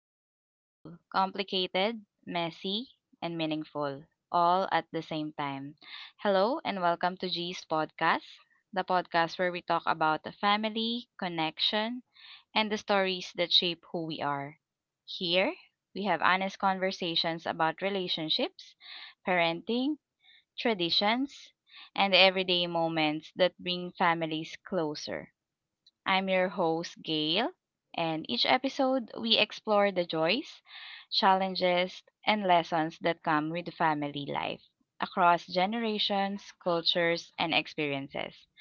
beautiful, complicated, messy, and meaningful, all at the same time. Hello, and welcome to G's Podcast, the podcast where we talk about the family, connection, and the stories that shape who we are. Here, we have honest conversations about relationships, parenting, traditions, and the everyday moments that bring families closer. I'm your host, Gail, and each episode we explore the joys, challenges, and lessons that come with family life across generations, cultures, and experiences.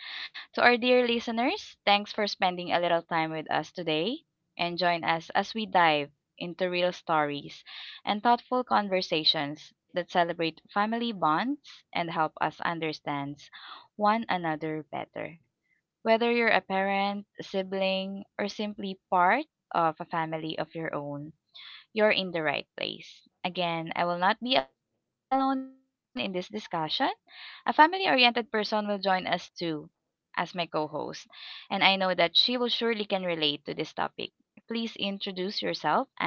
To our dear listeners, thanks for spending a little time with us today and join us as we dive into real stories and thoughtful conversations that celebrate family bonds and help us understand one another better. Whether you're a parent, a sibling, or simply part of a family of your own, you're in the right place. Again, I will not be alone in this discussion. A family oriented person will join us too as my co host, and I know that she will surely can relate to this topic. Please introduce yourself, Angela.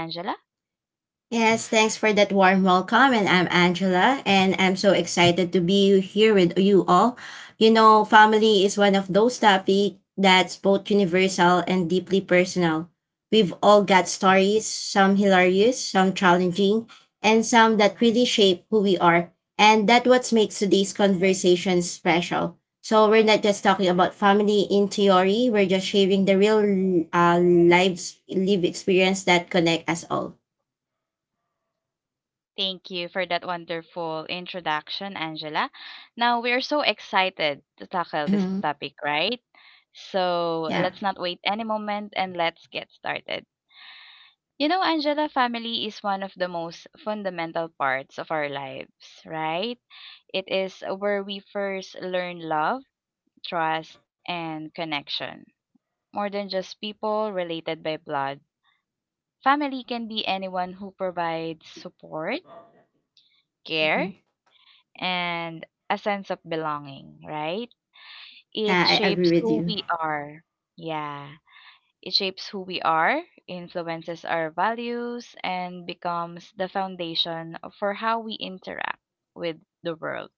Yes, thanks for that warm welcome. And I'm Angela, and I'm so excited to be here with you all. You know, family is one of those topics that's both universal and deeply personal. We've all got stories, some hilarious, some challenging, and some that really shape who we are. And that's what makes today's conversation special. So we're not just talking about family in theory, we're just sharing the real lives, live experience that connect us all. Thank you for that wonderful introduction, Angela. Now, we are so excited to tackle this topic, right? So, Yeah. let's not wait any moment and let's get started. You know, Angela, family is one of the most fundamental parts of our lives, right? It is where we first learn love, trust, and connection. More than just people related by blood, family can be anyone who provides support, care, Mhm. and a sense of belonging, right? It Yeah, I agree shapes with who you. we are. Yeah. It shapes who we are, influences our values, and becomes the foundation for how we interact with the world.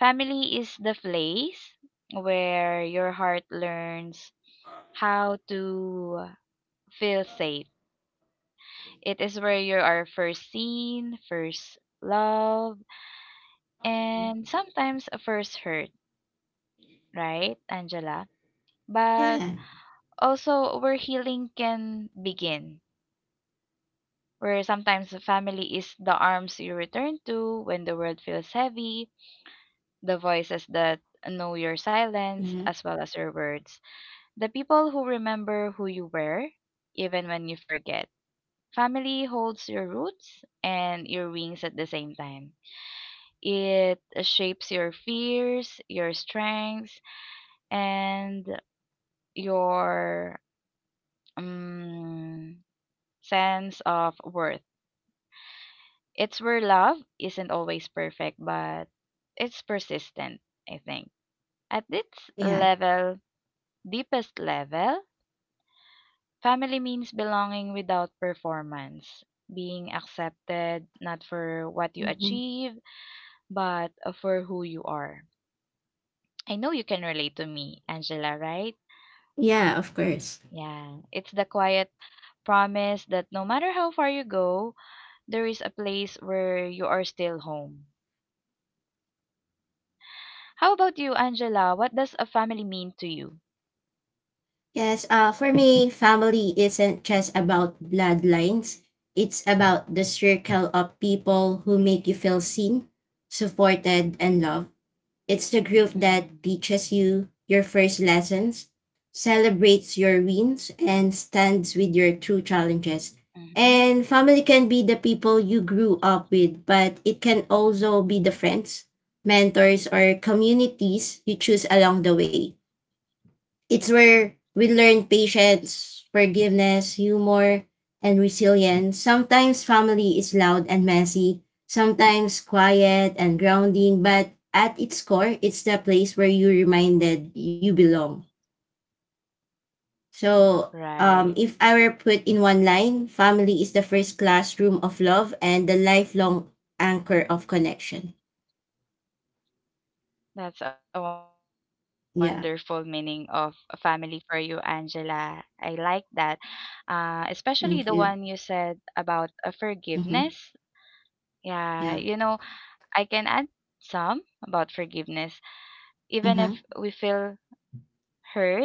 Family is the place where your heart learns how to feel safe. It is where you are first seen, first loved, and sometimes first hurt, right, Angela? But Yeah. also where healing can begin, where sometimes the family is the arms you return to when the world feels heavy, the voices that know your silence Yeah. as well as your words, the people who remember who you were even when you forget. Family holds your roots and your wings at the same time. It shapes your fears, your strengths, and your um, sense of worth. It's where love isn't always perfect, but it's persistent, I think. At its Yeah. level, deepest level, family means belonging without performance, being accepted not for what you Mhm. achieve, but for who you are. I know you can relate to me, Angela, right? Yeah, of course. Yeah, it's the quiet promise that no matter how far you go, there is a place where you are still home. How about you, Angela? What does a family mean to you? Yes, for me, family isn't just about bloodlines. It's about the circle of people who make you feel seen, supported, and loved. It's the group that Hmm. teaches you your first lessons, celebrates your wins, and stands with your Hmm. true challenges. And family can be the people you grew up with, but it can also be the friends, mentors, or communities you choose along the way. It's where we learn patience, forgiveness, humor, and resilience. Sometimes family is loud and messy, sometimes quiet and grounding, but at its core, it's the place where you're reminded you belong. So, Right. um, if I were put in one line, family is the first classroom of love and the lifelong anchor of connection. That's a wonderful meaning of Yeah, a family for you, Angela. I like that. Especially the one you thank said you. about forgiveness. Mm-hmm. Yeah, you Yeah. know, I can add some about forgiveness. Even if Mm-hmm. we feel hurt,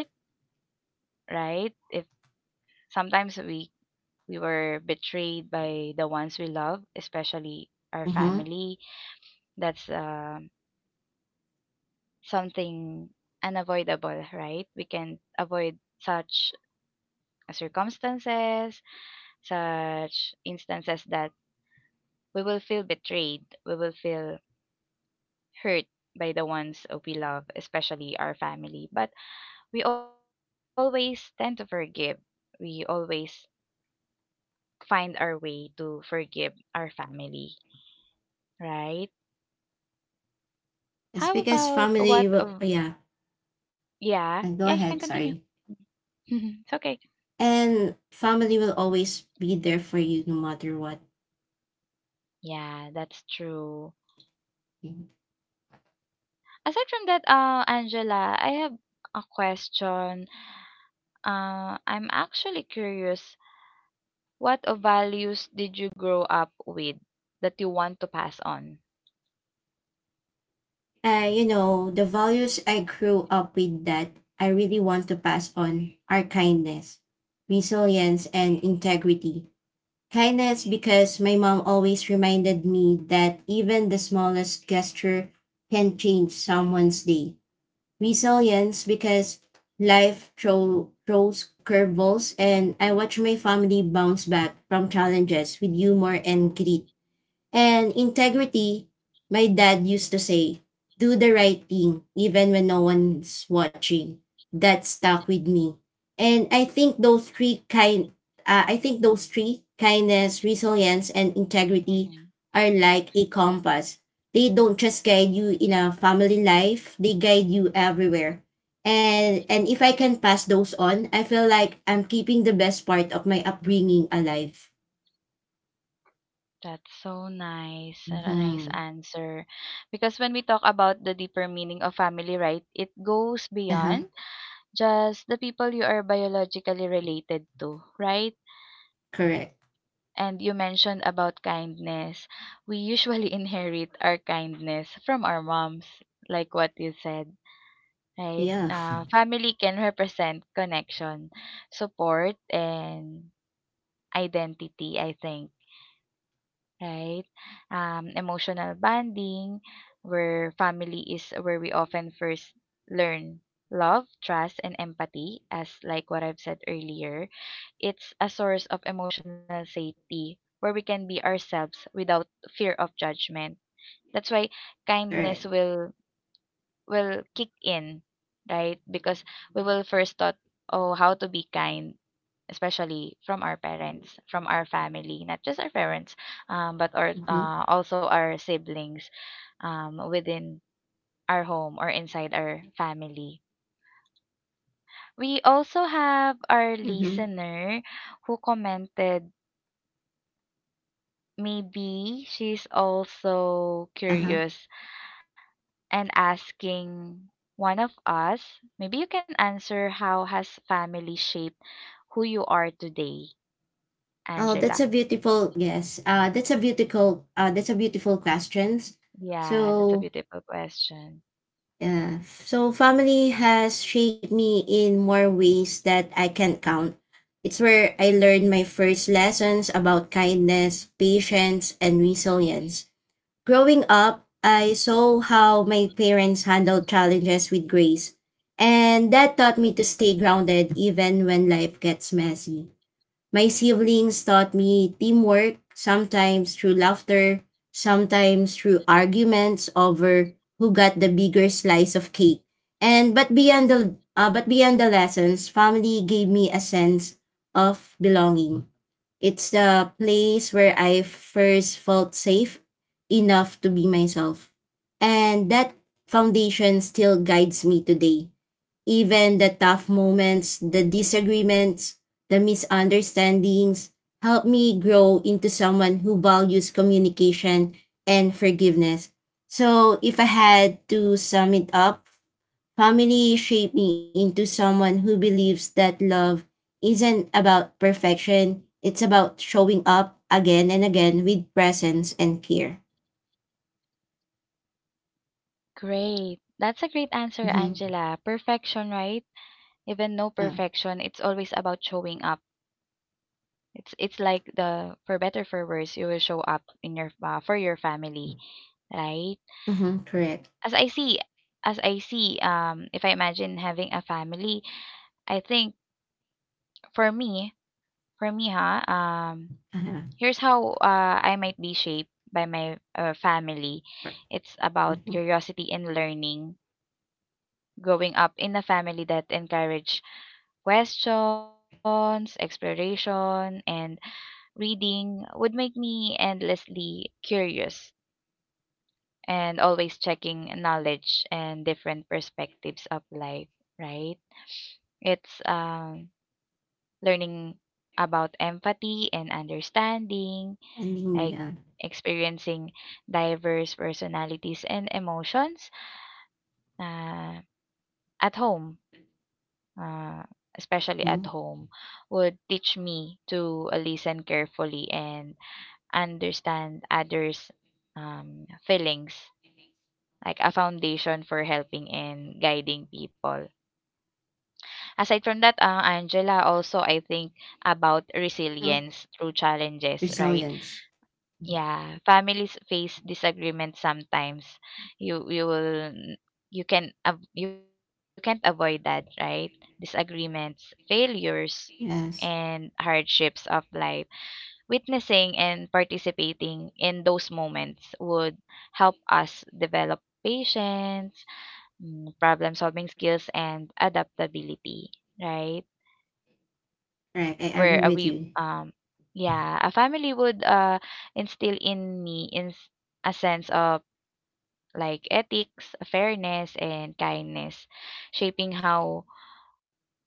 right? If sometimes we were betrayed by the ones we love, especially our Mm-hmm. family. That's, um, Something unavoidable, right? We can avoid such circumstances, such instances that we will feel betrayed, we will feel hurt by the ones we love, especially our family. But we always tend to forgive. We always find our way to forgive our family, right? How It's because about what of yeah. yeah, And go you can ahead, continue. sorry. it's okay. And family will always be there for you no matter what. Yeah, that's true. Aside from that, Angela, I have a question. I'm actually curious, what values did you grow up with that you want to pass on? You know, the values I grew up with that I really want to pass on are kindness, resilience, and integrity. Kindness because my mom always reminded me that even the smallest gesture can change someone's day. Resilience because throws curveballs and I watch my family bounce back from challenges with humor and grit. And integrity, my dad used to say, do the right thing even when no one's watching. That stuck with me. And I think those three kindness, resilience and integrity Mm-hmm. are like a compass. They don't just guide you in a family life, they guide you everywhere. And if I can pass those on, I feel like I'm keeping the best part of my upbringing alive. That's so nice. What a nice Mhm. answer. Because when we talk about the deeper meaning of family, right, it goes Uh-huh. beyond just the people you are biologically related to, right? Correct. And you mentioned about kindness. We usually inherit our kindness from our moms, like what you said, right? Yeah, Family can represent connection, support, and identity, I think. Right? Emotional bonding, where family is where we often first learn love, trust, and empathy, as like what I've said earlier. It's a source of emotional safety where we can be ourselves without fear of judgment. That's why kindness correct. will will kick in, right? Because we will first thought, oh, how to be kind, especially from our parents, from our family, not just our parents, but our Mm-hmm. Also our siblings within our home or inside our family. We also have our Mm-hmm. listener who commented, maybe she's also Uh-huh. curious and asking one of us, maybe you can answer how has family shaped who you are today, Oh, that's a Angela? beautiful yes. That's a beautiful questions. Yeah, that's a So, beautiful question. yeah. So family has shaped me in more ways that I can count. It's where I learned my first lessons about kindness, patience, and resilience. Growing up, I saw how my parents handled challenges with grace, and that taught me to stay grounded even when life gets messy. My siblings taught me teamwork, sometimes through laughter, sometimes through arguments over who got the bigger slice of cake. And but beyond the lessons, family gave me a sense of belonging. It's the place where I first felt safe enough to be myself. And that foundation still guides me today. Even the tough moments, the disagreements, the misunderstandings help me grow into someone who values communication and forgiveness. So, if I had to sum it up, family shaped me into someone who believes that love isn't about perfection, it's about showing up again and again with presence and care. Great. That's a great answer, Angela. Perfection, Mm-hmm. right? Even no perfection, it's Uh, always about showing up. It's like the for better for worse, you will show up in your for your family, right? mm-hmm. Correct. As I see, if I imagine having a family, I think for me, for me, Uh-huh. here's how I might be shaped by my family. It's about Mm-hmm. curiosity and learning. Growing up in a family that encouraged questions, exploration, and reading would make me endlessly curious and always checking knowledge and different perspectives of life, right? It's learning about empathy and understanding, Ending, like yeah. experiencing diverse personalities and emotions uh, at home, uh, especially Mm-hmm. at home, would teach me to listen carefully and understand others' feelings, like a foundation for helping and guiding people. Aside from that, Angela, also I think about resilience through challenges, right? Resilience. Yeah, families face disagreement sometimes. You you will you can you can't avoid that, right? Disagreements, failures, and Yes. hardships of life. Witnessing and participating in those moments would help us develop patience, problem-solving skills, and adaptability, right? Right. I agree Where with we you. Yeah, a family would instill in me in a sense of like ethics, fairness, and kindness, shaping how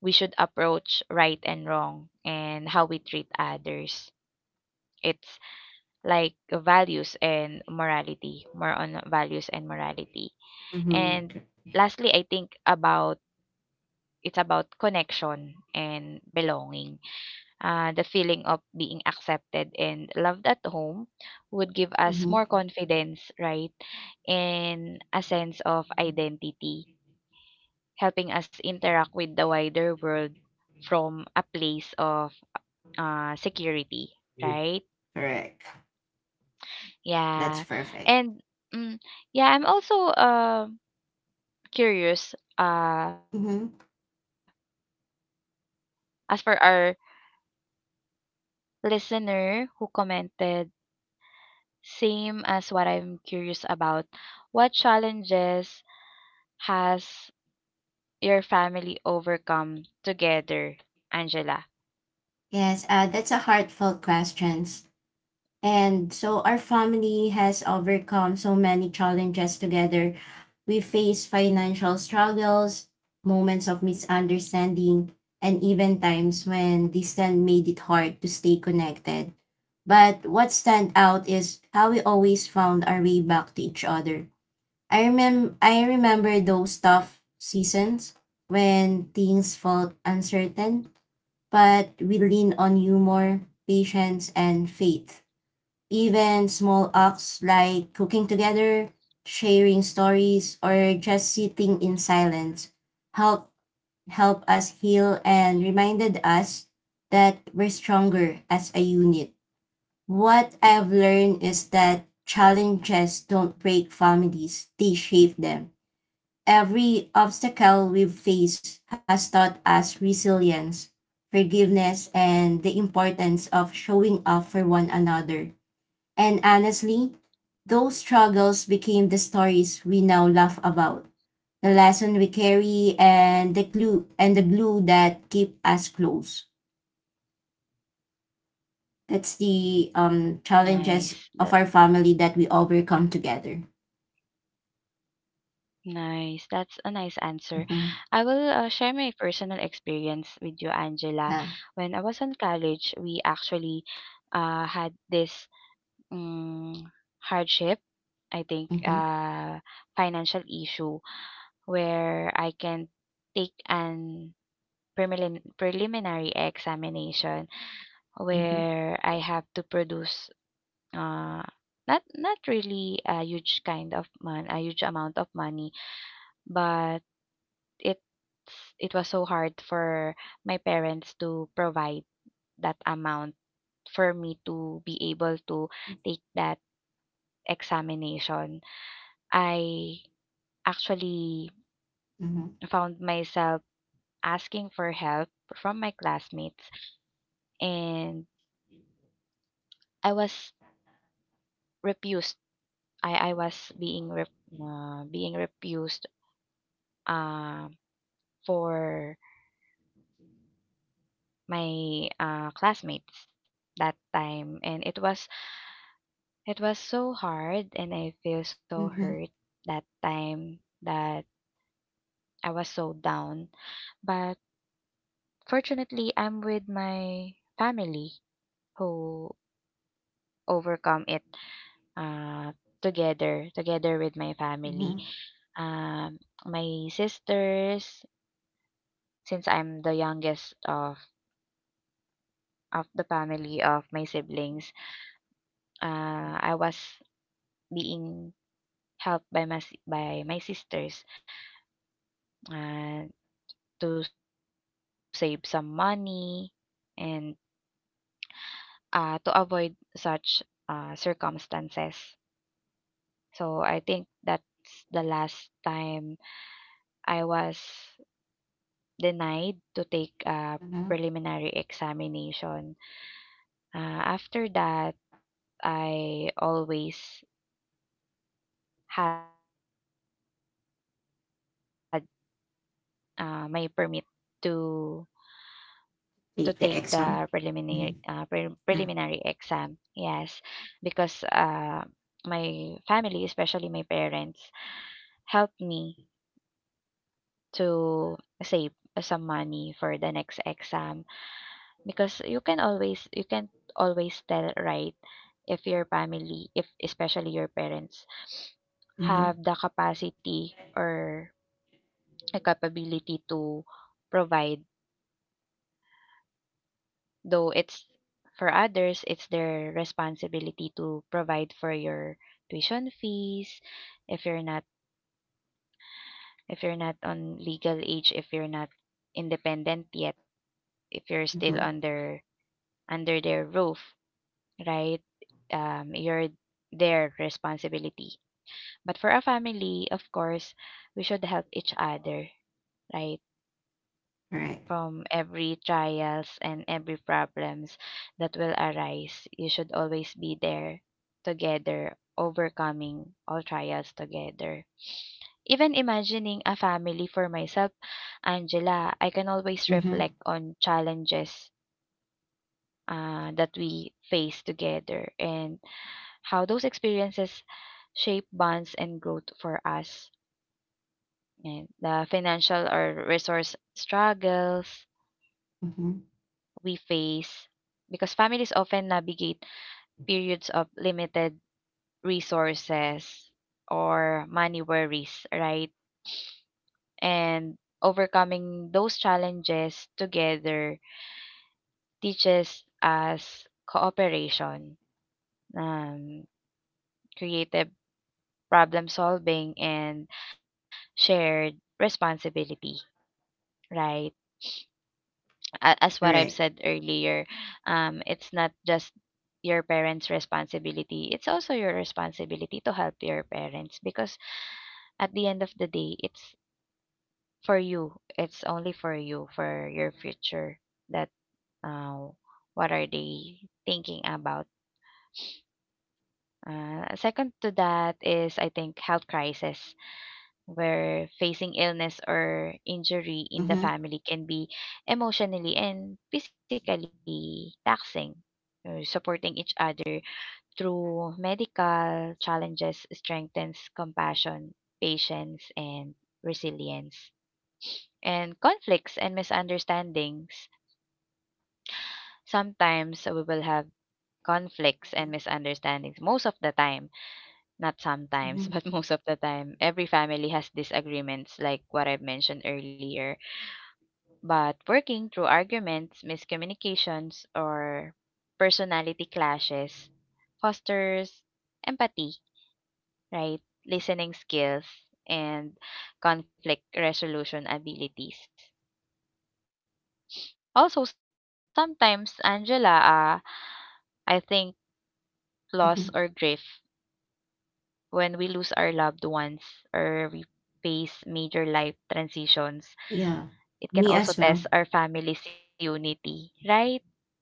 we should approach right and wrong and how we treat others. It's like values and morality, more on values and morality. Mm-hmm. And lastly, I think about it's about connection and belonging. The feeling of being accepted and loved at home would give us Mm-hmm. more confidence, right? And a sense of identity helping us interact with the wider world from a place of security, right? Correct. That's Yeah. perfect. And mm, yeah, I'm also curious Mm-hmm. as for our listener who commented, same as what I'm curious about, what challenges has your family overcome together, Angela? Yes, that's a heartfelt question. And so our family has overcome so many challenges together. We face financial struggles, moments of misunderstanding, and even times when distance made it hard to stay connected. But what stand out is how we always found our way back to each other. I remember those tough seasons when things felt uncertain, but we leaned on humor, patience, and faith. Even small acts like cooking together, sharing stories, or just sitting in silence help help us heal and reminded us that we're stronger as a unit. What I've learned is that challenges don't break families, they shape them. Every obstacle we've faced has taught us resilience, forgiveness, and the importance of showing up for one another. And honestly, those struggles became the stories we now laugh about, the lesson we carry, and the glue that keep us close. That's the Nice. Challenges of our family that we overcome together. Nice. That's a nice answer. I will Mm-hmm. Share my personal experience with you, Angela. When Yeah. I was in college, we actually had this um, hardship, I think, Mm-hmm. Financial issue where I can take an preliminary examination Mm-hmm. where I have to produce uh, not not really a huge kind of mon- a huge amount of money, but it's it was so hard for my parents to provide that amount for me to be able to take that examination. I actually Mm-hmm. found myself asking for help from my classmates and I was refused. I was being refused uh, for my classmates that time and it was so hard and I feel so hurt Mm-hmm. that time that I was so down. But fortunately, I'm with my family who overcome it uh, together with my family. Mm-hmm. Um, my sisters, since I'm the youngest of the family of my siblings, I was being helped by by my sisters. And to save some money and, to avoid such, circumstances. So, I think that's the last time I was denied to take a Mm-hmm. preliminary examination. After that, I always had, my permit to To take the preliminary The exam. preliminary Mm-hmm. exam. Yes, Yeah. because my family, especially my parents, helped me to save some money for the next exam because you can always tell right if your family if especially your parents Mm-hmm. have the capacity or a capability to provide. Though it's for others, it's their responsibility to provide for your tuition fees if you're not on legal age, if you're not independent yet, if you're still Mm-hmm. Under their roof, right? You're their responsibility. But for a family, of course, we should help each other, right? All right. From every trials and every problems that will arise. You should always be there together, overcoming all trials together. Even imagining a family for myself, Angela, I can always reflect Mm-hmm. on challenges that we face together and how those experiences shape bonds and growth for us. And the financial or resource struggles, Mm-hmm. we face because families often navigate periods of limited resources or money worries, right? And overcoming those challenges together teaches us cooperation, um, creative problem solving, and shared responsibility, right? As what I've All said right. earlier, it's not just your parents' responsibility, it's also your responsibility to help your parents because at the end of the day, it's for you. It's only for you, for your future that uh, what are they thinking about. Second to that is, I think, health crisis, where facing illness or injury in the Mm-hmm. family can be emotionally and physically taxing. Supporting each other through medical challenges strengthens compassion, patience, and resilience. And conflicts and misunderstandings. Sometimes we will have conflicts and misunderstandings most of the time, not sometimes but Mm-hmm. most of the time. Every family has disagreements like what I've mentioned earlier. But working through arguments, miscommunications, or personality clashes fosters empathy, right? Listening skills and conflict resolution abilities. Also, sometimes, Angela, I think Mm-hmm. loss or grief, when we lose our loved ones or we face major life Yeah. transitions, Me as it well. can also test our family's unity, right?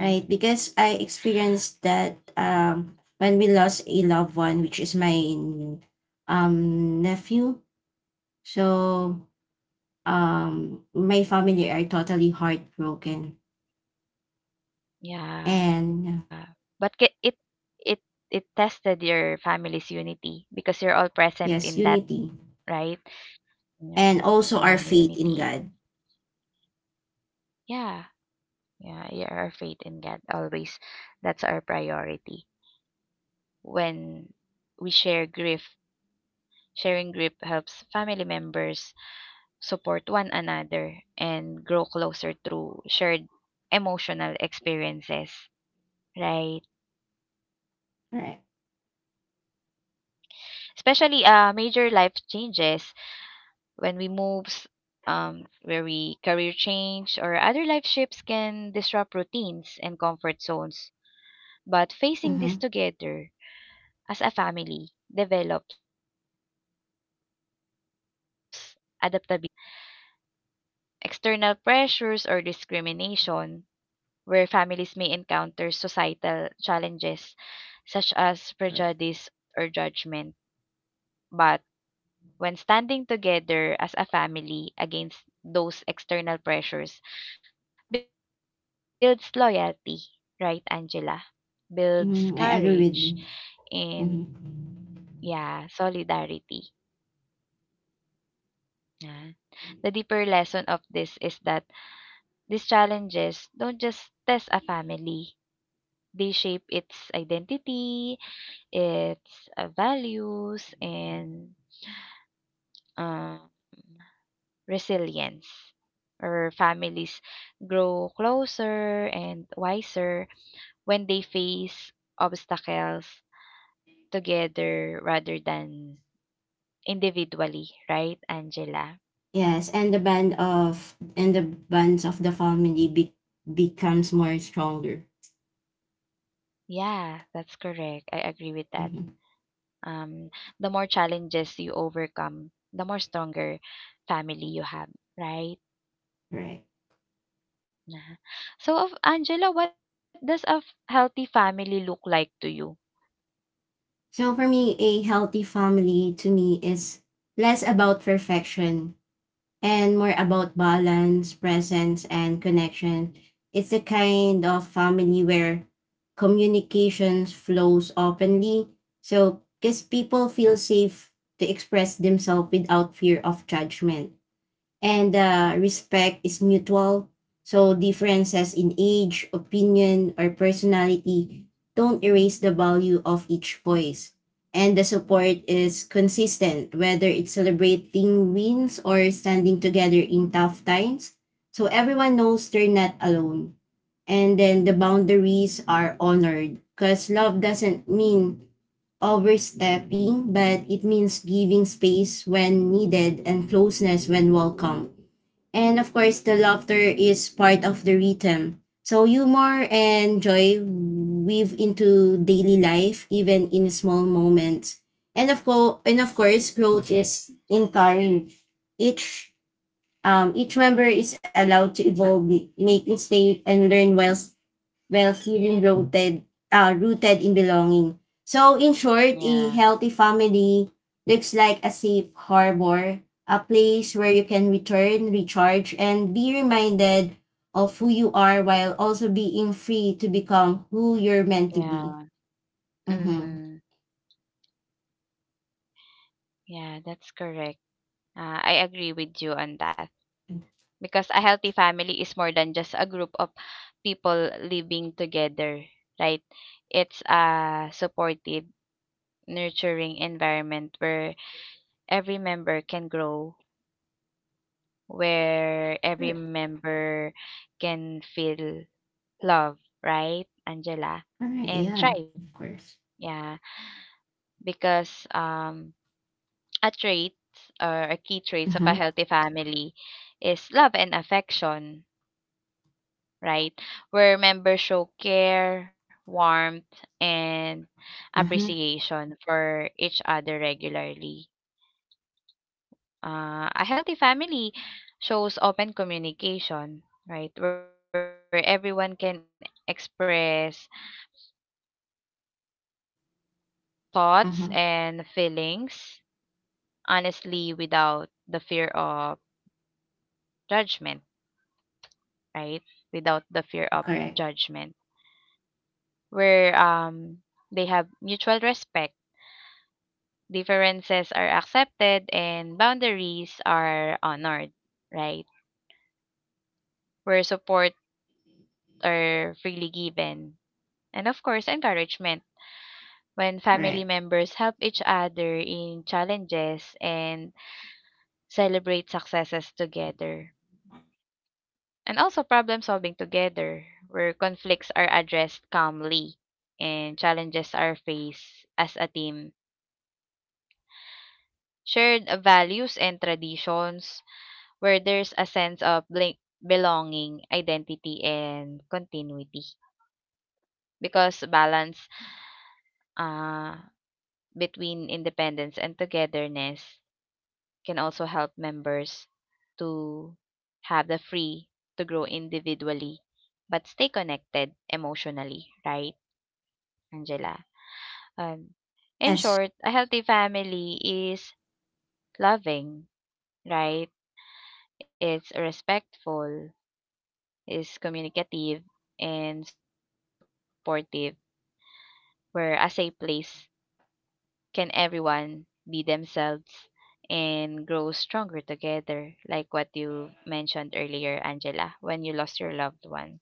Right. Because I experienced that when we lost a loved one, which is my nephew. So mm, yeah. My family are totally heartbroken. And Yeah, but ki it it it tested your family's unity because you're all present yes, in that, unity. right? Yeah, And also our yeah, faith in God. unity. Yeah, yeah, yeah, our faith in God always. That's our priority. When we share grief, sharing grief helps family members support one another and grow closer through shared emotional experiences, right? All right. Especially major life changes when we moves, where we career change or other life shifts can disrupt routines and comfort zones. But facing this Mm-hmm. together as a family develops adaptability, teamwork, and trust. External pressures or discrimination, where families may encounter societal challenges such as prejudice or judgment, but when standing together as a family against those external pressures, builds loyalty, right, Angela? Mm, Builds I agree with you. courage Hmm. and yeah, solidarity. Yeah. The deeper lesson of this is that these challenges don't just test a family. They shape its identity, its values, and um resilience, or families grow closer and wiser when they face obstacles together rather than individually, right, Angela? Yes, and the bands of becomes more stronger. Yeah, that's correct. I agree with that. Hmm. Um, the more challenges you overcome, the more stronger family you have, right? Right. Nah. So, of Angela, what does a healthy family look like to you? So for me, a healthy family to me is less about perfection and more about balance, presence, and connection. It's the kind of family where communications flows openly, so because people feel safe to express themselves without fear of judgment and respect is mutual. So differences in age, opinion, or personality don't erase the value of each voice. And the support is consistent, whether it's celebrating wins or standing together in tough times. So everyone knows they're not alone. And then the boundaries are honored because love doesn't mean overstepping, but it means giving space when needed and closeness when welcome. And of course, the laughter is part of the rhythm. So humor and joy weave into daily life, even in small moments. And of course, growth is encouraged. Each each member is allowed to evolve, make mistake, and learn while feeling rooted, rooted in belonging. So, in short, a Yeah, healthy family looks like a safe harbor, a place where you can return, recharge, and be reminded of who you are while also being free to become who you're meant to be. yeah. Mm-hmm. Mm-hmm. Yeah, that's correct. I agree with you on that because a healthy family is more than just a group of people living together, right? It's a supportive, nurturing environment where every member can grow, where every Correct. member can feel love, right, Angela? All right. And Yeah, thrive. of course. Yeah, because a trait or a key traits of a Mm-hmm. healthy family is love and affection, right? Where members show care, warmth, and Mm-hmm. appreciation for each other regularly. A healthy family shows open communication, right? Where everyone can express thoughts and Mm-hmm. feelings honestly without the fear of judgment, right? Without the fear of Correct. judgment. Where they have mutual respect, differences are accepted and boundaries are honored, right? Where support are freely given. And of course, encouragement. When family Correct. members help each other in challenges and celebrate successes together. And also problem solving together, where conflicts are addressed calmly and challenges are faced as a team. Shared values and traditions, where there's a sense of belonging, identity, and continuity. Because balance uh, between independence and togetherness can also help members to have the free to grow individually but stay connected emotionally, right, Angela? Um, in Yes. short, a healthy family is loving, right? It's respectful, is communicative, and supportive, where a safe place can everyone be themselves and grow stronger together, like what you mentioned earlier, Angela, when you lost your loved one,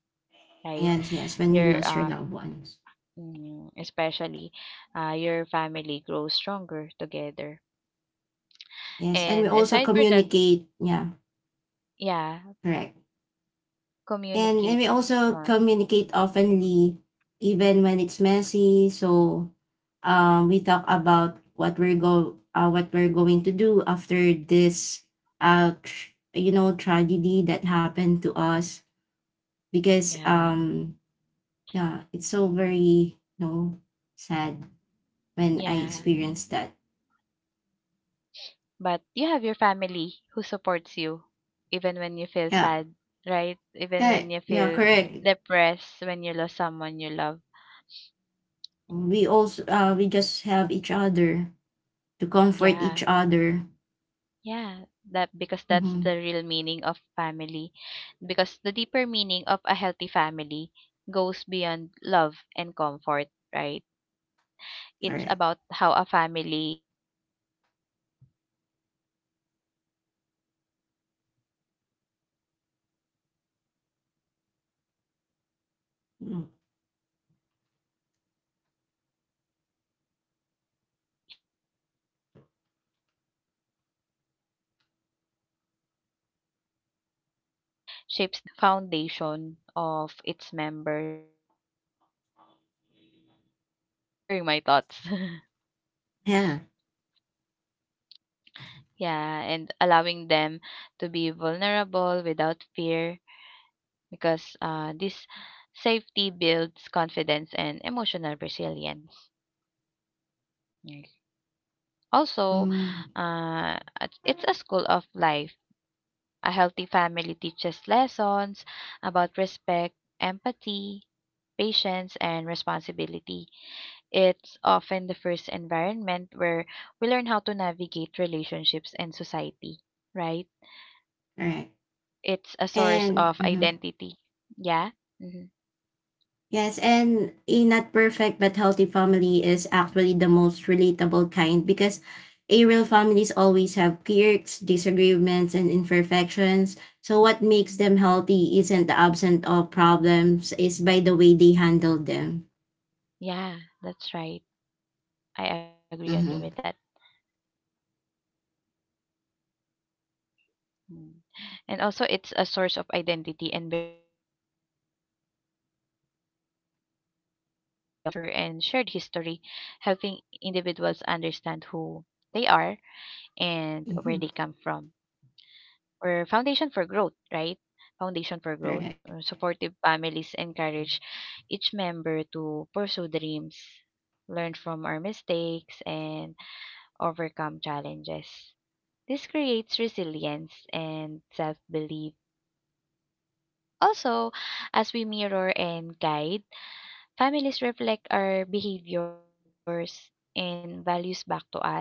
right? Yes. Yes. When you Your lost your loved ones. mm, especially your family grows stronger together. Yes. And we And also aside for that, communicate. Yeah. yeah, Correct. And communicate we also more. communicate openly, even when it's messy. So we talk about what we're going to do after this you know tragedy that happened to us because Yeah, yeah it's so very you know sad when I yeah. experienced that. But you have your family who supports you even when you feel Yeah, sad, right? Even yeah, when you yeah, feel correct. depressed, when you lost someone you love. We just have each other to comfort each Yeah. other. Yeah, that because that's Mm-hmm. the real meaning of family. Because the deeper meaning of a healthy family goes beyond love and comfort, right? It's Correct. about how a family shapes the emotional, mental, and moral foundation of its members. where Mm-hmm. where deeper meaning of a healthy family is a safe emotional haven. Like it's a place where members feel completely accepted and valued. Right, Angela? Am I correct on that? uh, I'm sharing my thoughts. Yeah. Yeah, and allowing them to be vulnerable without fear because this safety builds confidence and emotional resilience. Also, Mm, it's a school of life. A healthy family teaches lessons about respect, empathy, patience, and responsibility. It's often the first environment where we learn how to navigate relationships and society, right? right. It's a source And of mhm. identity. Yeah? Hmm. Yes, and a not perfect but healthy family is actually the most relatable kind because a real families always have quirks, disagreements, and imperfections. So what makes them healthy isn't the absence of problems, is by the way they handle them. Yeah, that's right. I agree on you with that. Mm-hmm. Mm. And also, it's a source of identity and belonging. Family gives a sense of roots, culture, and shared history, helping individuals understand who they are and where they come from. Mm-hmm. Or foundation for growth, right? Foundation for growth. Correct. Supportive families encourage each member to pursue dreams, learn from our mistakes, and overcome challenges. This creates resilience and self belief. Also, as we mirror and guide, families reflect our behaviors and values back to us.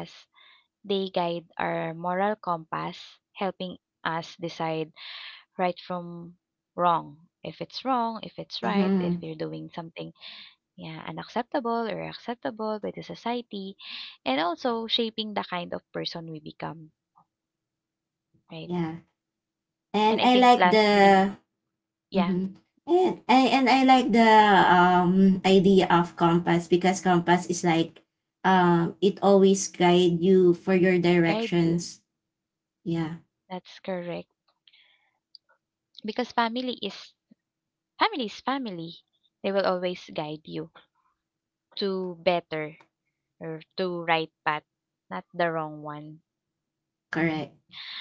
They guide our moral compass, helping us decide right from wrong. If it's wrong, if it's right, Mm-hmm. if you're doing something yeah, unacceptable or acceptable by the society, and also shaping the kind of person we become, right? Yeah. And And I I think like lastly, the yeah, Mm-hmm. And I like the idea of compass because compass is like it always guide you for your guide you. directions. Yeah, That's correct because family is family. They will always guide you to better or to right path, not the wrong one. correct.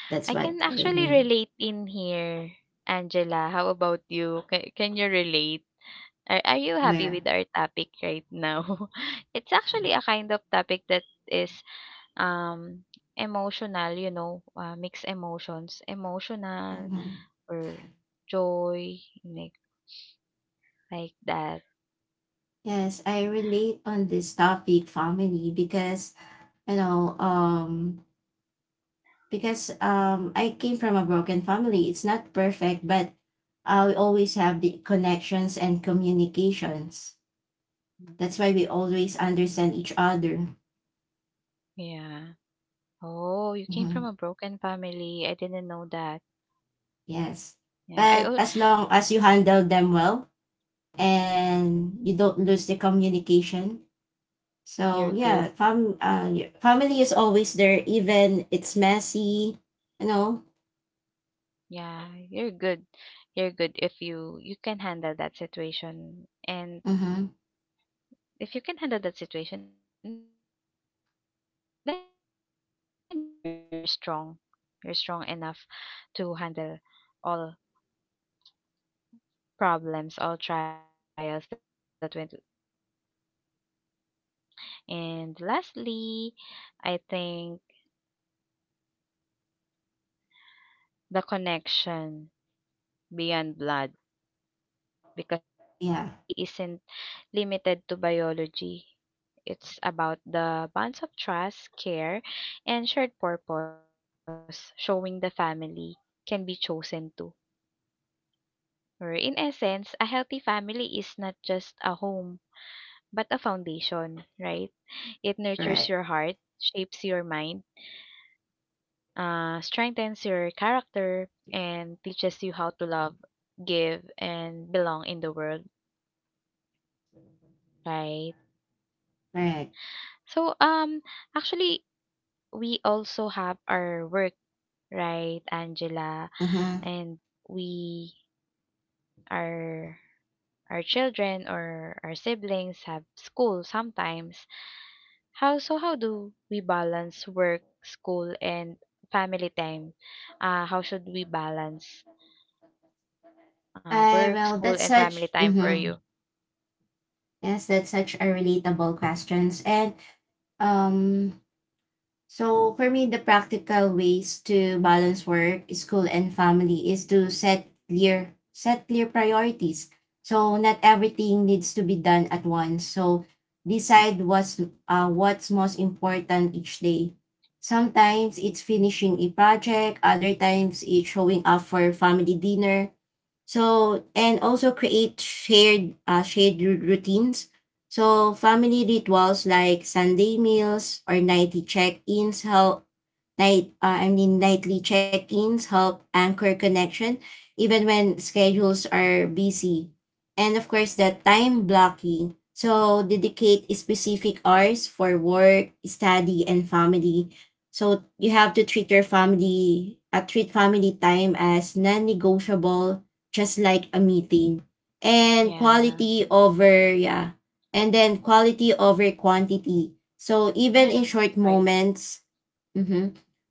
That's I what can I actually mean. relate in here, Angela. How about you? Can you relate? Are you happy Where? with our topic right now? It's actually a kind of topic that is um emotional, you know, mixed emotions, emotional Mhm. or joy, like like that. Yes, I relate on this topic family because you know because I came from a broken family. It's not perfect, but I always have the connections and communications. That's why we always understand each other. Yeah. Oh, you came from Mhm. a broken family. I didn't know that. Yes. Yeah, I But oh, as long as you handle them well and you don't lose the communication. So you're yeah, good. Family is always there even it's messy, you know. Yeah, you're good. You're good if you you can handle that situation. And Mm-hmm. if you can handle that situation, then you're strong. You're strong enough to handle all problems, all trials that went that will come your way, right? And lastly, I think the connection beyond blood, because a healthy Yeah, family isn't limited to biology. It's about the bonds of trust, care, and shared purpose, showing the family can be chosen too. Or in essence, a healthy family is not just a home, but a foundation, right? It nurtures your correct. heart, shapes your mind, strengthens your character, and teaches you how to love, give, and belong in the world, right? Correct. So, actually, we also have our work, right, Angela? Mm-hmm. And we our our children or our siblings have school sometimes. How do we balance work, school and family time? How should we balance work, Well, school that's and family such time for mm-hmm. you? Yes, that's such a relatable questions. And um So for me, the practical ways to balance work, school, and family is to set clear priorities. So not everything needs to be done at once. So decide what's most important each day. Sometimes it's finishing a project, other times it's showing up for family dinner. So and also create shared routines. So family rituals like Sunday meals or nightly check-ins help anchor connection, even when schedules are busy. And of course, the time blocking. So dedicate specific hours for work, study, and family. So you have to treat family time as non-negotiable, just like a meeting. And Yeah. quality over, yeah. And then quality over quantity. So even Yeah, in that's short right. moments, hmm,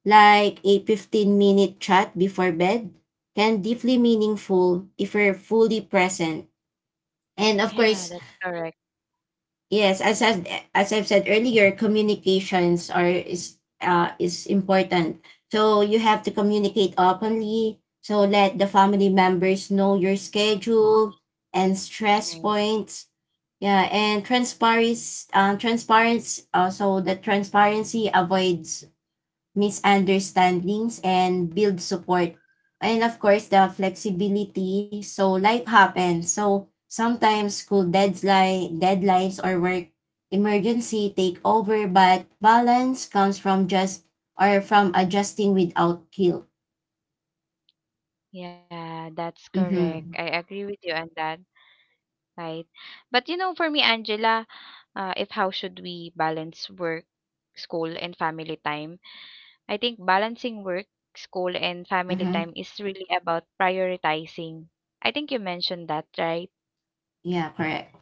like a 15-minute chat before bed can deeply meaningful if we're fully present. And of Yeah, course, that's correct. yes, as I've said earlier, communications are is important. So you have to communicate openly. So let the family members know your schedule and stress Right. points. Yeah, and transparency, so the transparency avoids misunderstandings and build support. And of course, the flexibility. So life happens. So sometimes school deadline deadlines or work emergency take over, but balance comes from just or from adjusting without guilt. Yeah, that's correct. I Mm-hmm. agree with you on that, right? But you know, for me, Angela, if how should we balance work, school, and family time. I think balancing work, school, and family time Mm-hmm. is really about prioritizing. I think you mentioned that, right? Yeah, correct.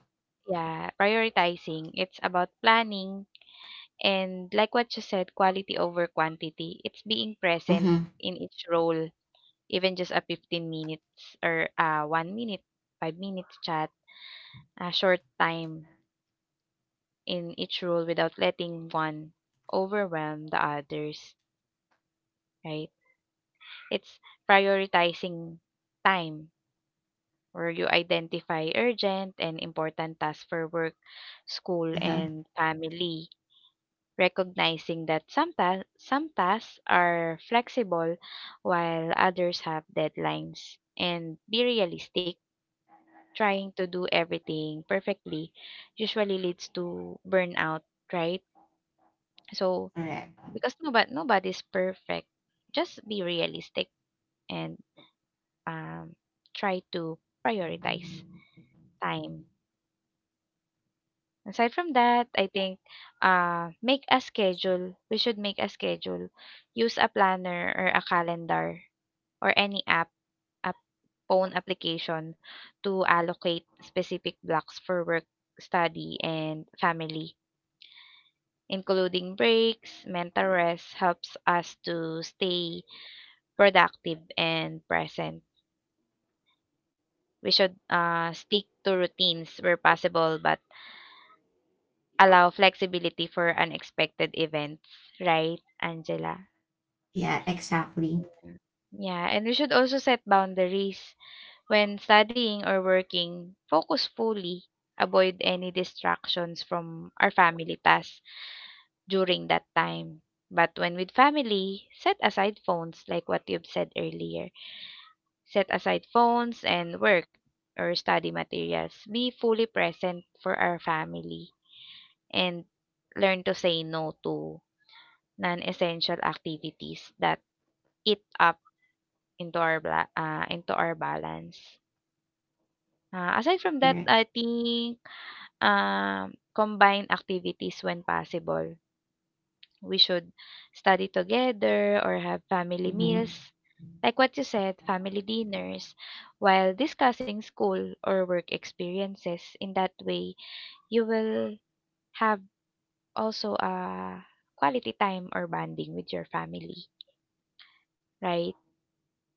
Yeah, prioritizing. It's about planning and, like what you said, quality over quantity. It's being present Mm-hmm. in each role, even just a 15 minutes or 1 minute, 5 minutes chat, a short time in each role without letting one overwhelm the others, right? It's prioritizing time where you identify urgent and important tasks for work, school, Uh-huh. and family, recognizing that some tasks are flexible while others have deadlines, and be realistic. Trying to do everything perfectly usually leads to burnout, right? So, Correct. because nobody's perfect, just be realistic and um, try to prioritize time. Aside from that, I think make a schedule. We should make a schedule. Use a planner or a calendar or any app, a phone application, to allocate specific blocks for work, study, and family. Including breaks, mental rest helps us to stay productive and present. We should stick to routines where possible, but allow flexibility for unexpected events, right, Angela? Yeah, exactly. Yeah. Yeah, and we should also set boundaries when studying or working. Focus fully. Avoid any distractions from our family tasks during that time. But when with family, set aside phones, like what you've said earlier. Set aside phones and work or study materials. Be fully present for our family and learn to say no to non-essential activities that eat up into our balance. Aside from that, Correct. I think combine activities when possible. We should study together or have family Mm-hmm. meals, like what you said, family dinners, while discussing school or work experiences. In that way, you will have also a quality time or bonding with your family, right?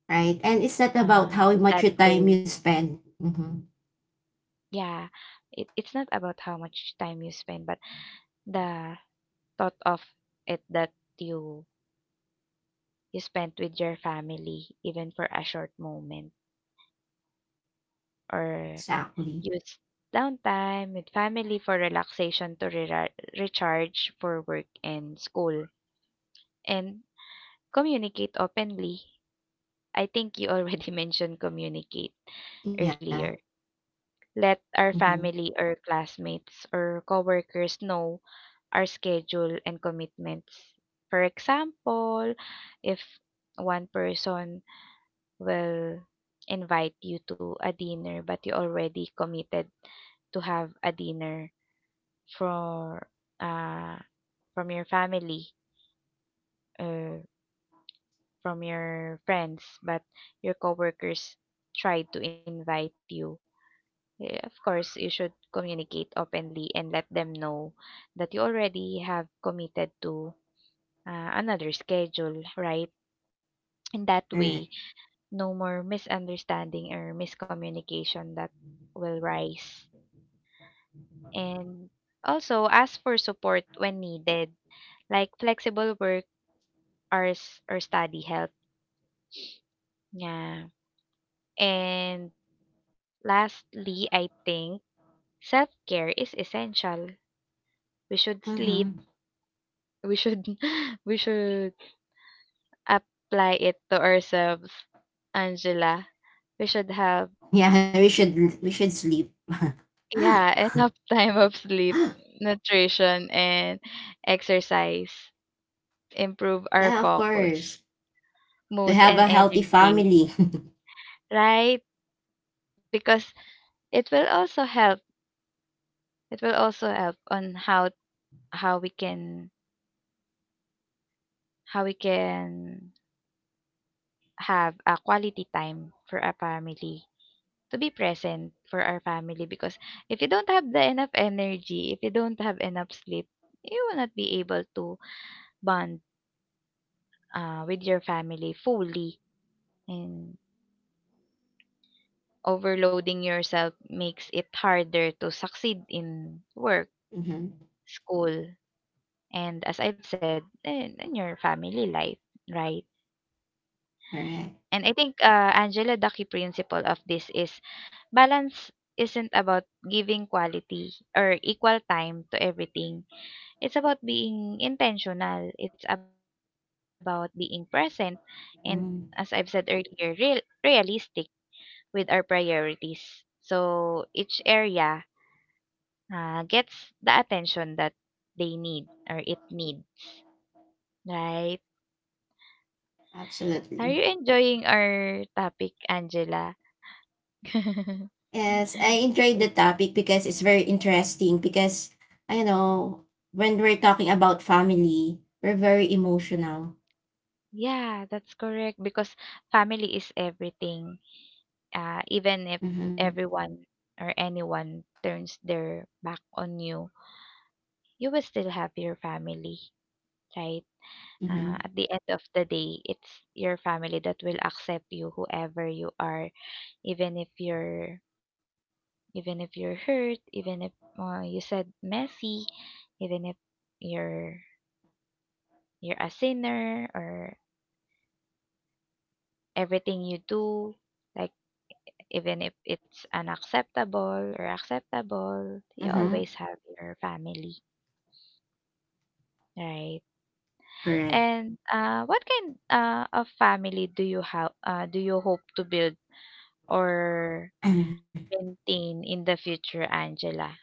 Right. And it's in not that about how way much your time you spend. Mm-hmm. Yeah, it, it's not about how much time you spend, but the thought of it that you you spent with your family, even for a short moment, or Exactly. use downtime with family for relaxation to recharge for work and school, and communicate openly. I think you already mentioned communicate Yeah. earlier. Let our Mm-hmm. family or classmates or coworkers know our schedule and commitments. For example, if one person will invite you to a dinner but you already committed to have a dinner for uh from your family uh, from your friends but your coworkers tried to invite you, of course you should communicate openly and let them know that you already have committed to another schedule, right? In that Right. way, no more misunderstanding or miscommunication that will rise. And also ask for support when needed, like flexible work hours or study help. Yeah. And lastly, I think self care is essential. We should sleep. Mm-hmm. We should we should apply it to ourselves, Angela. We should have. Yeah, we should sleep. Yeah, enough time of sleep, Yeah, nutrition, and exercise improve our of focus, course. To mood, have and a healthy energy, family. right? Because it will also help. It will also help on how how we can how we can have a quality time for our family, to be present for our family, because if you don't have the enough energy, if you don't have enough sleep, you will not be able to bond with your family fully, and overloading yourself makes it harder to succeed in work, Mm-hmm. school, and as I've said, in your family life, right? All right. And I think Angela, the principle of this is balance isn't about giving quality or equal time to everything. It's about being intentional. It's about being present and, as I've Mm, said earlier, realistic with our priorities. So each area gets the attention that they need or it needs, right? Are you absolutely. enjoying our topic, Angela? Yes, I enjoyed the It- topic because it's very interesting. Because I know when we're talking about family, we're very emotional. yeah, that's correct because family is everything. Even if Mm-hmm. everyone or anyone turns their back on you, you will still have your family, right? Mm-hmm. At the end of the day, it's your family that will accept you, whoever you are, even if you're even if you're hurt, even if you said messy, even if you're you're a sinner or everything you do, like even if it's unacceptable or acceptable, you Mm-hmm. always have your family, right? Correct. And what kind of family do you have? Do you hope to build or maintain in the future, Angela?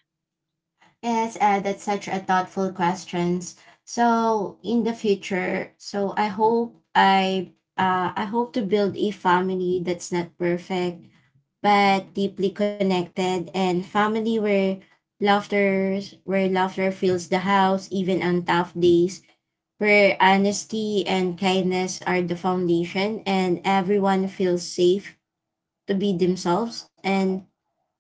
Yes, that's such a thoughtful questions. So in the future, so I hope to build a family that's not perfect but deeply connected, and family where laughter fills the house even on tough days, where honesty and kindness are the foundation and everyone feels safe to be themselves. And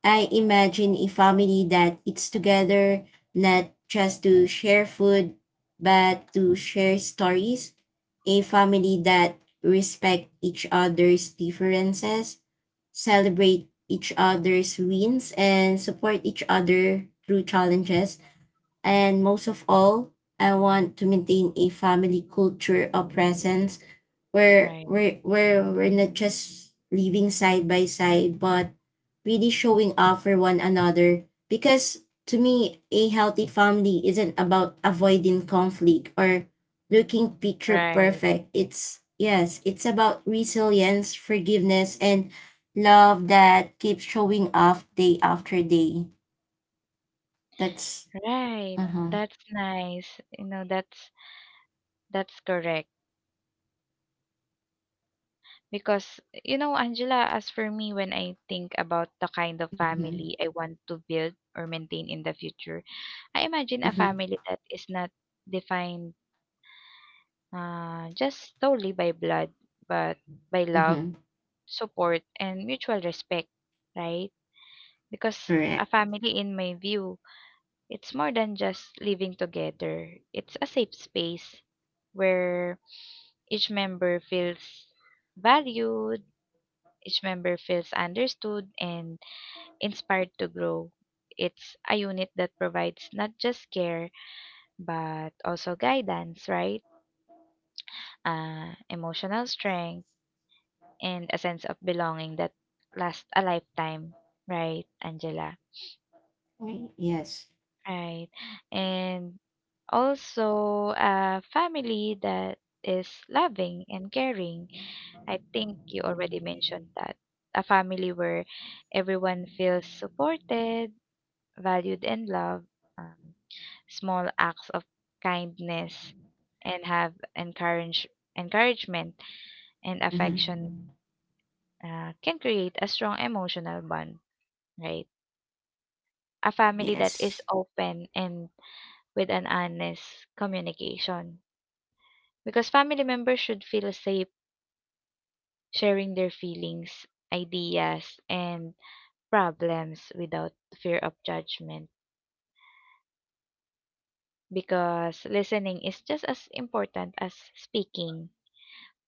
I imagine a family that eats together, not just to share food, but to share stories. A family that respect each other's differences, celebrate each other's wins, and support each other through challenges. And most of all, I want to maintain a family culture of presence where Right, we're not just living side by side, but really showing up for one another. Because to me, a healthy family isn't about avoiding conflict or looking picture right, perfect. It's, yes, it's about resilience, forgiveness, and love that keeps showing up day after day. That's, right. uh huh. That's nice. You know, that's correct. Because, you know, Angela, as for me, when I think about the kind of Mm-hmm. family I want to build or maintain in the future, I imagine a Mm-hmm. family that is not defined just solely by blood, but by love, Mm-hmm. support, and mutual respect, right? Because a Correct. family, in my view, it's more than just living together, it's a safe space where each member feels valued. Each member feels understood and inspired to grow. It's a unit that provides not just care, but also guidance, right? Emotional strength and a sense of belonging that lasts a lifetime, right, Angela? Right. Yes. Right. And also a family that is loving and caring. I think you already mentioned that. A family where everyone feels supported, valued, and loved, um, small acts of kindness, and have encouragement and affection Mm-hmm. Can create a strong emotional bond, right? A family that is Yes. open and with an honest communication. Because family members should feel safe sharing their feelings, ideas, and problems without fear of judgment, because listening is just as important as speaking.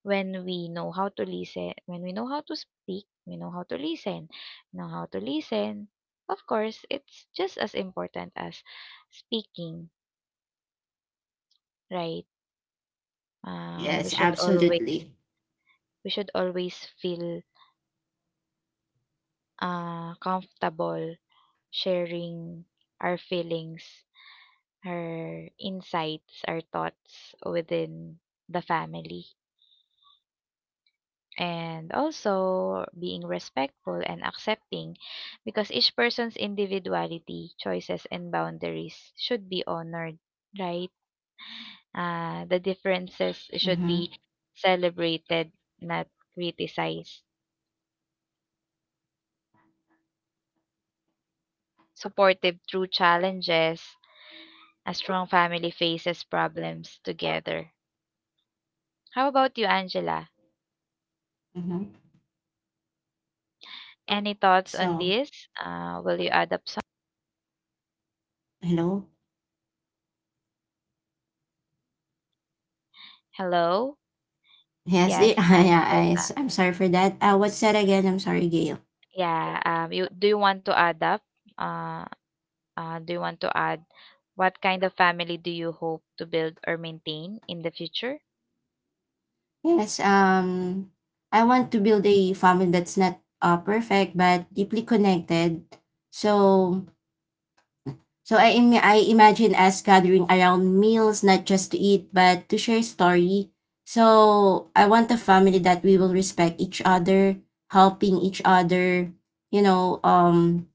When we know how to listen, when we know how to speak, we know how to listen, know how to listen. Of course, it's just as important as speaking, right? Uh, we Yes, should always absolutely. we should always feel comfortable sharing our feelings, our insights, our thoughts within the family. And also being respectful and accepting, because each person's individuality, choices, and boundaries should be honored, right? The differences should Mm-hmm. be celebrated, not criticized. Supportive through challenges, a strong family faces problems together. How about you, Angela? Mm-hmm. Any thoughts on So, this? Will you add up some? hello? Hello? Yes, the, Yes, ah, yeah, Angela. I, am sorry for that. What's that again? I'm sorry, Gail. Yeah, you do you want to add up? Uh, do you want to add what kind of family do you hope to build or maintain in the future? Yes, I want to build a family that's not perfect but deeply connected. So, so I imagine us gathering around meals, not just to eat, but to share story. So, I want a family that we will respect each other, helping each other, you know, um,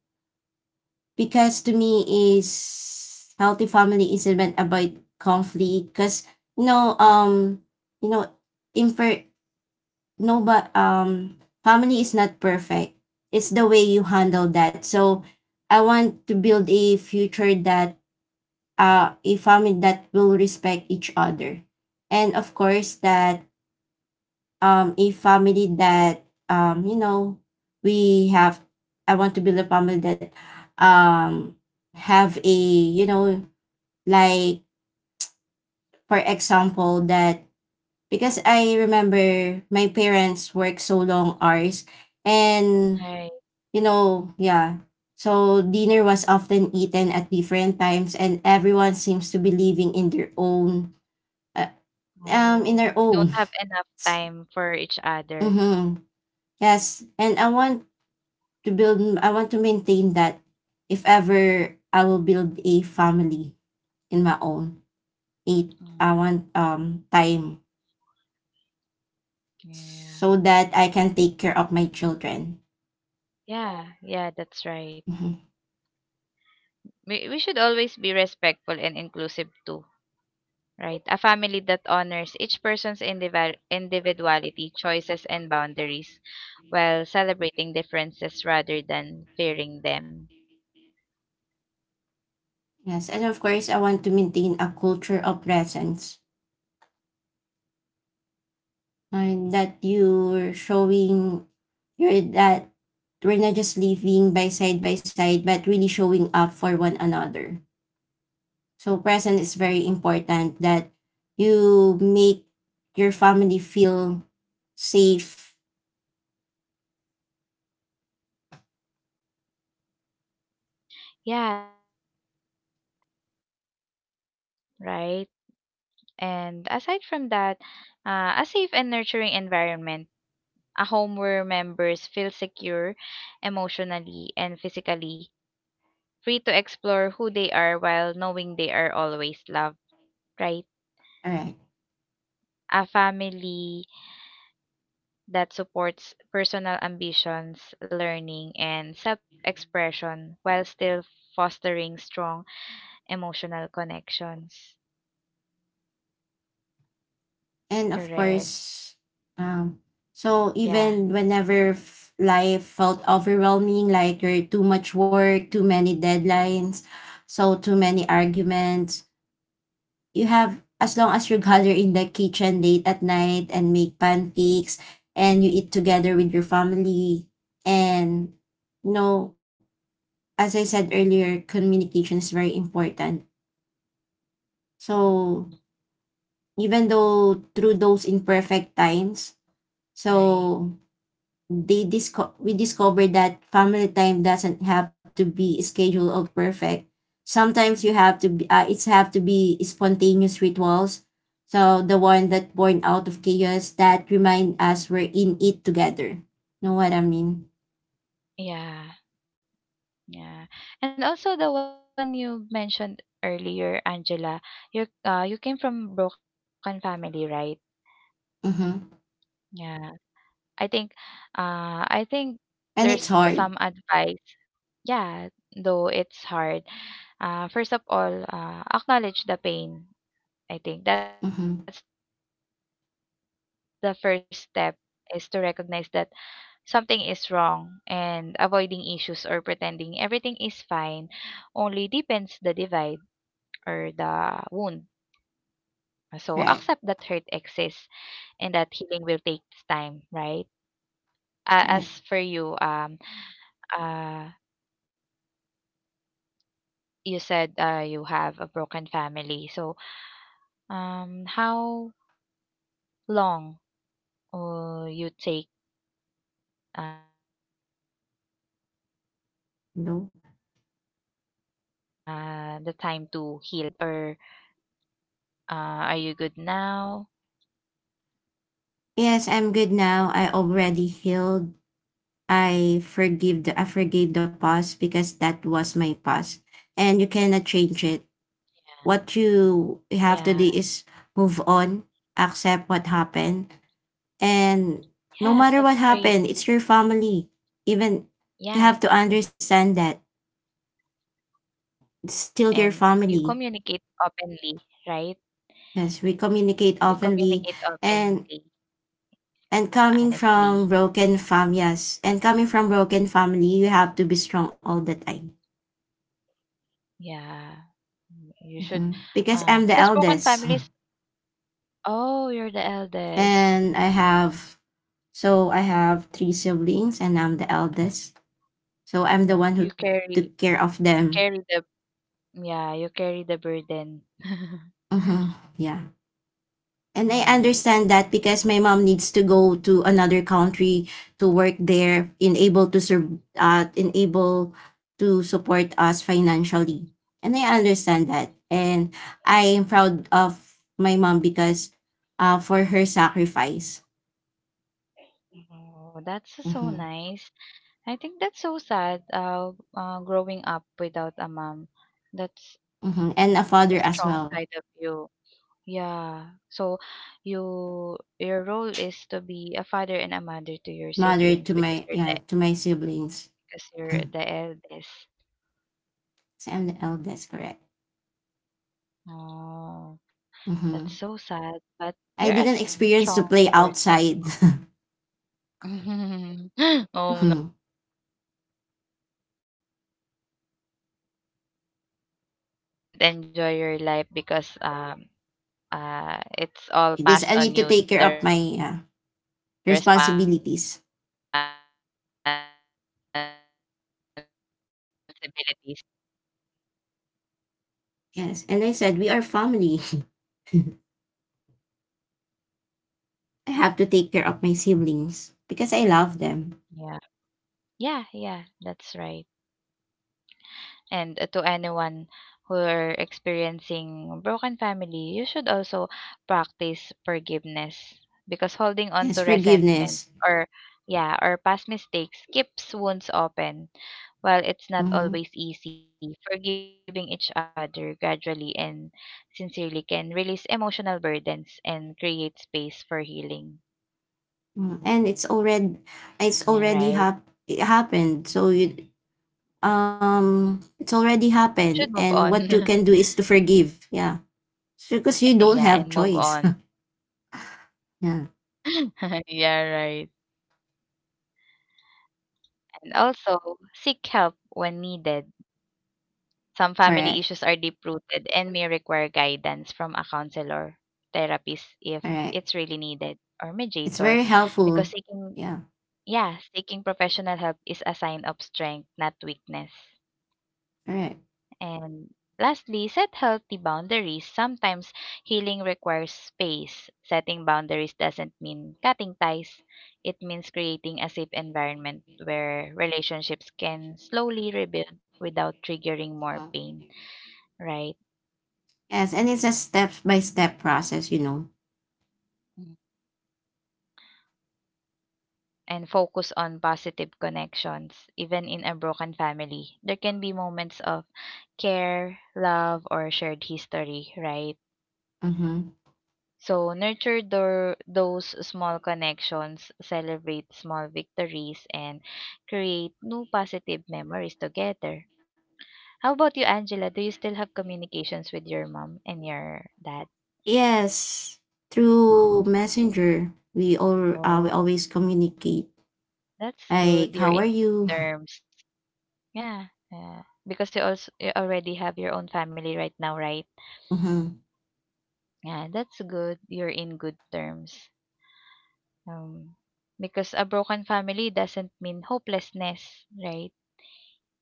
because to me is healthy family is not about conflict because you know um you know infer no but family is not perfect, it's the way you handle that. So I want to build a future that, a family that will respect each other, and of course that a family that um you know we have. I want to build a family that um have a you know like for example that Because I remember my parents work so long hours and Right. you know yeah so dinner was often eaten at different times and everyone seems to be living in their own uh, in their Oh, you don't own. have enough time for each other. Mm-hmm. Yes, and I want to maintain that. If ever I will build a family in my own, it Okay. I want time Yeah, so that I can take care of my children. yeah, yeah, that's right. Mhm. We should always be respectful and inclusive too, right? A family that honors each person's individuality, choices, and boundaries while celebrating differences rather than fearing them. Yes, and of course I want to maintain a culture of presence, and that you're showing you're that we're not just living by side by side, but really showing up for one another. So present is very important, that you make your family feel safe. Yeah, that's correct, right? And aside from that, a safe and nurturing environment, a home where members feel secure emotionally and physically, free to explore who they are while knowing they are always loved, right? Alright. A family that supports personal ambitions, learning, and self expression while still fostering strong emotional connections. And of Correct. course, um, so even Yeah, whenever life felt overwhelming, like you're too much work, too many deadlines, so too many arguments, you have, as long as you gather in the kitchen late at night and make pancakes and you eat together with your family and you know as I said earlier, communication is very important. So even though through those imperfect times, right. so we discovered that family time doesn't have to be scheduled or perfect. Sometimes you have to be, it's have to be spontaneous rituals. So the one that born out of chaos that remind us we're in it together. Know what I mean? Yeah. Yeah. And also the one you mentioned earlier, Angela, you you came from broken family, right? Mm-hmm. Yeah. I think I think there's And it's some hard. advice. Yeah, though it's hard. First of all, acknowledge the pain. I think that's the Mm-hmm. first step, is to recognize that something is wrong, and avoiding issues or pretending everything is fine only deepens the divide or the wound. So accept that hurt exists Right. and that healing will take time, right? As for you, Right. Uh, you said you have a broken family. So, how long you take the time to heal, No. or are you already healed, or uh, are you good now? Yes, I'm good now. I already healed. I forgave the past because that was my past. And you cannot change it. What you have Yeah, to yeah, do is move on, accept what happened. And no matter yeah, what that's happened, it's great. your family. Even you have to Yeah, understand that it's still your and you family. communicate openly, right? Yes, we communicate You openly. communicate and openly, and coming honestly. from broken fam yes, and coming from broken family you have to be strong all the time. Yeah. Mm, you should, Mhm. Because I'm the because broken eldest. families, oh, you're the eldest. And I have three siblings and I'm the eldest. So I'm the one You who took carry, care of you them. carry the, yeah, you carry the burden. Hmm. Yeah. And I Mm. understand that because my mom needs to go to another country to work there, in able to serve, in able to support us financially. And I understand that. And I am proud of my mom because for her sacrifice. Oh, that's so so Mhm. nice. I think that's so sad. Growing up without a mom, that's Mhm, and a a father as strong well. side of you. Yeah. So you, your role is to be a father and a mother to your Mother to siblings, because my, you're yeah, the, to my siblings. because you're the eldest. So I'm the eldest, correct. Oh, that's Mhm. so sad, but you're a I didn't strong experience to play person. outside. Oh no, Mhm. you didn't enjoy your life because it's all Because passed I on need to you, the take care of my responsibilities. responsibilities. So what can you suggest, what can you advise to those Yes. who And I are said, we are family. experiencing, I Um, broken family. have to take care of my siblings because I love them. Yeah. Yeah, yeah, that's right. And to anyone who are experiencing broken family, you should also practice forgiveness because holding on Yes, to resentment forgiveness. or yeah, or past mistakes keeps wounds open. While it's not Mhm. always easy, forgiving each other gradually and sincerely can release emotional burdens and create space for healing. Mhm. And it's already, Yeah, right. It happened. So you, it's already Should move happened, on. and what you can do is to forgive, yeah, because you Yeah, don't and have move on. choice. Yeah. Yeah, right. And also, seek help when needed. Some Correct. family issues are deep-rooted and may require guidance from a counselor, therapist if Correct. it's really needed, or It's mediator, very because helpful. seeking, Yeah. yeah, seeking professional help is a sign of strength, not weakness. Correct. And lastly, set healthy boundaries. Sometimes healing requires space. Setting boundaries doesn't mean cutting ties, it means creating a safe environment where relationships can slowly rebuild without triggering Yeah. more pain, right? Yes, and it's a step by step process, you know. Mm. And focus on positive connections. Even in a broken family, there can be moments of care, love, or shared history, right? Mm-hmm. So nurture those small connections, celebrate small victories, and create new positive memories together. How about you, Angela? Do you still have communications with your mom and your dad? Yes, through messenger we all, we Oh, always communicate, that's like good. You're how in are you. terms. Yeah. Yeah. Because you already have your own family right now, right? Mm-hmm. Yeah, that's good. You're in good terms. Um, because a broken family doesn't mean hopelessness, right?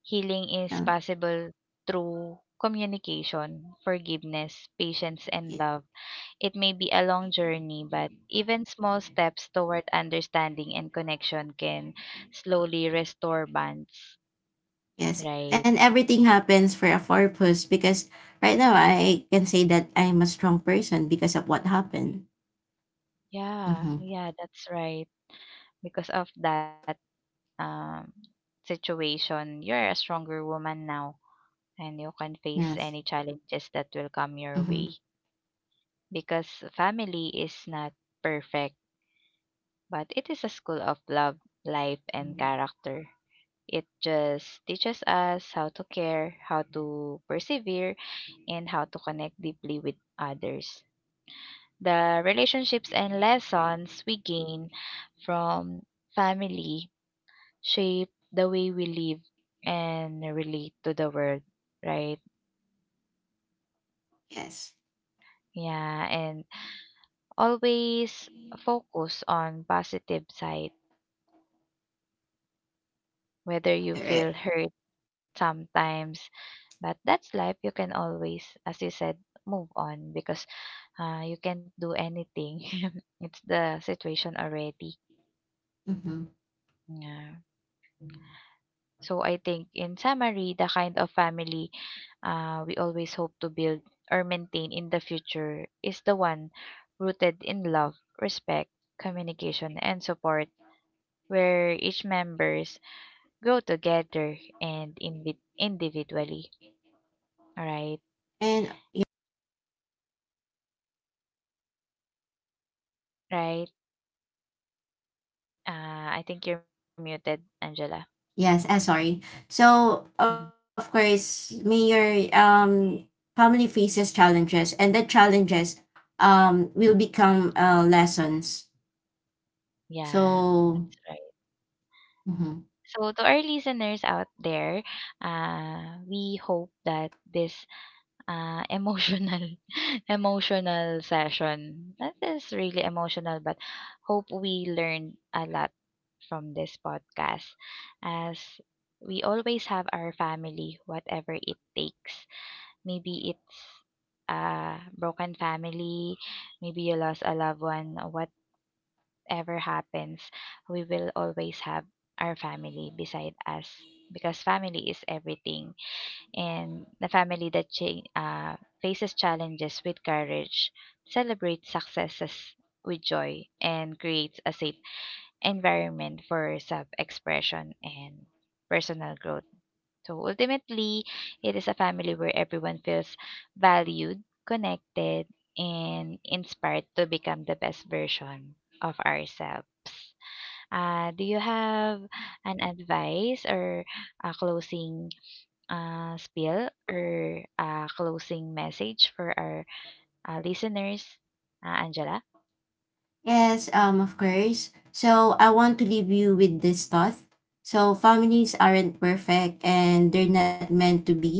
Healing is Yeah. possible through communication, forgiveness, patience, and love. It may be a long journey, but even small steps toward understanding and connection can slowly restore bonds. Yes, Right. and everything happens for a purpose, because right now I can say that I'm a strong person because of what happened. Yeah, Mm-hmm. yeah, that's right. Because of that um, situation, you're a stronger woman now and you can face Yes. any challenges that will come your way, Mm-hmm. because family is not perfect. But it is a school of love, life, and character. It just teaches us how to care, how to persevere, and how to connect deeply with others. The relationships and lessons we gain from family shape the way we live and relate to the world, right? Yes. Yeah, and always focus on positive side. Whether you feel Correct. hurt sometimes. But that's life. You can always, as you said, move on, because you can't do anything. It's the situation already. Mm-hmm. Yeah. So I think, in summary, the kind of family we always hope to build or maintain in the future is the one rooted in love, respect, communication, and support, where each members grow together and individually. All right, And right. Ah, I think you're muted, Angela. Mhm. yes, sorry. So Mhm. of course, may your family faces challenges, and the challenges will become lessons. Yeah, So. that's right. Mhm. So to our listeners out there, we hope that this emotional, emotional session that is really emotional, but hope we learned a lot from this podcast, as we always have our family, whatever it takes. Maybe it's a broken family, maybe you lost a loved one, what ever happens, we will always have our family beside us because family is everything. And the family that faces challenges with courage, celebrates successes with joy, and creates a safe environment for self expression and personal growth. So ultimately, it is a family where everyone feels valued, connected, and inspired to become the best version of ourselves. Do you have an advice or a closing spiel or a closing message for our listeners, Angela? Yes, of course. So I want to leave you with this thought. So families aren't perfect and they're not meant to be.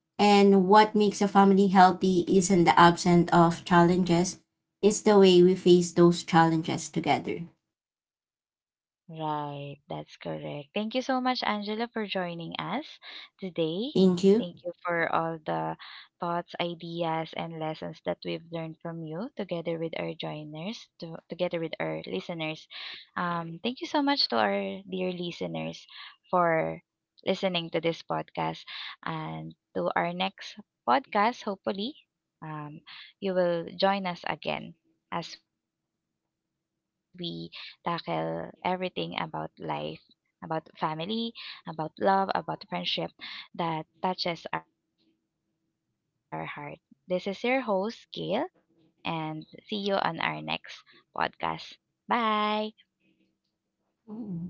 And what makes a family healthy isn't the absence of challenges, it's the way we face those challenges together. Right, that's correct. Thank you so much, Angela, for joining us today. Thank you. Thank you for all the thoughts, ideas, and lessons that we've learned from you together with our joiners, together with our listeners. Thank you so much to our dear listeners for listening to this podcast. And to our next podcast, hopefully, um, you will join us again as we tackle everything about life, about family, about love, about friendship that touches our heart. This is your host, Gail, and see you on our next podcast. Bye. Mm.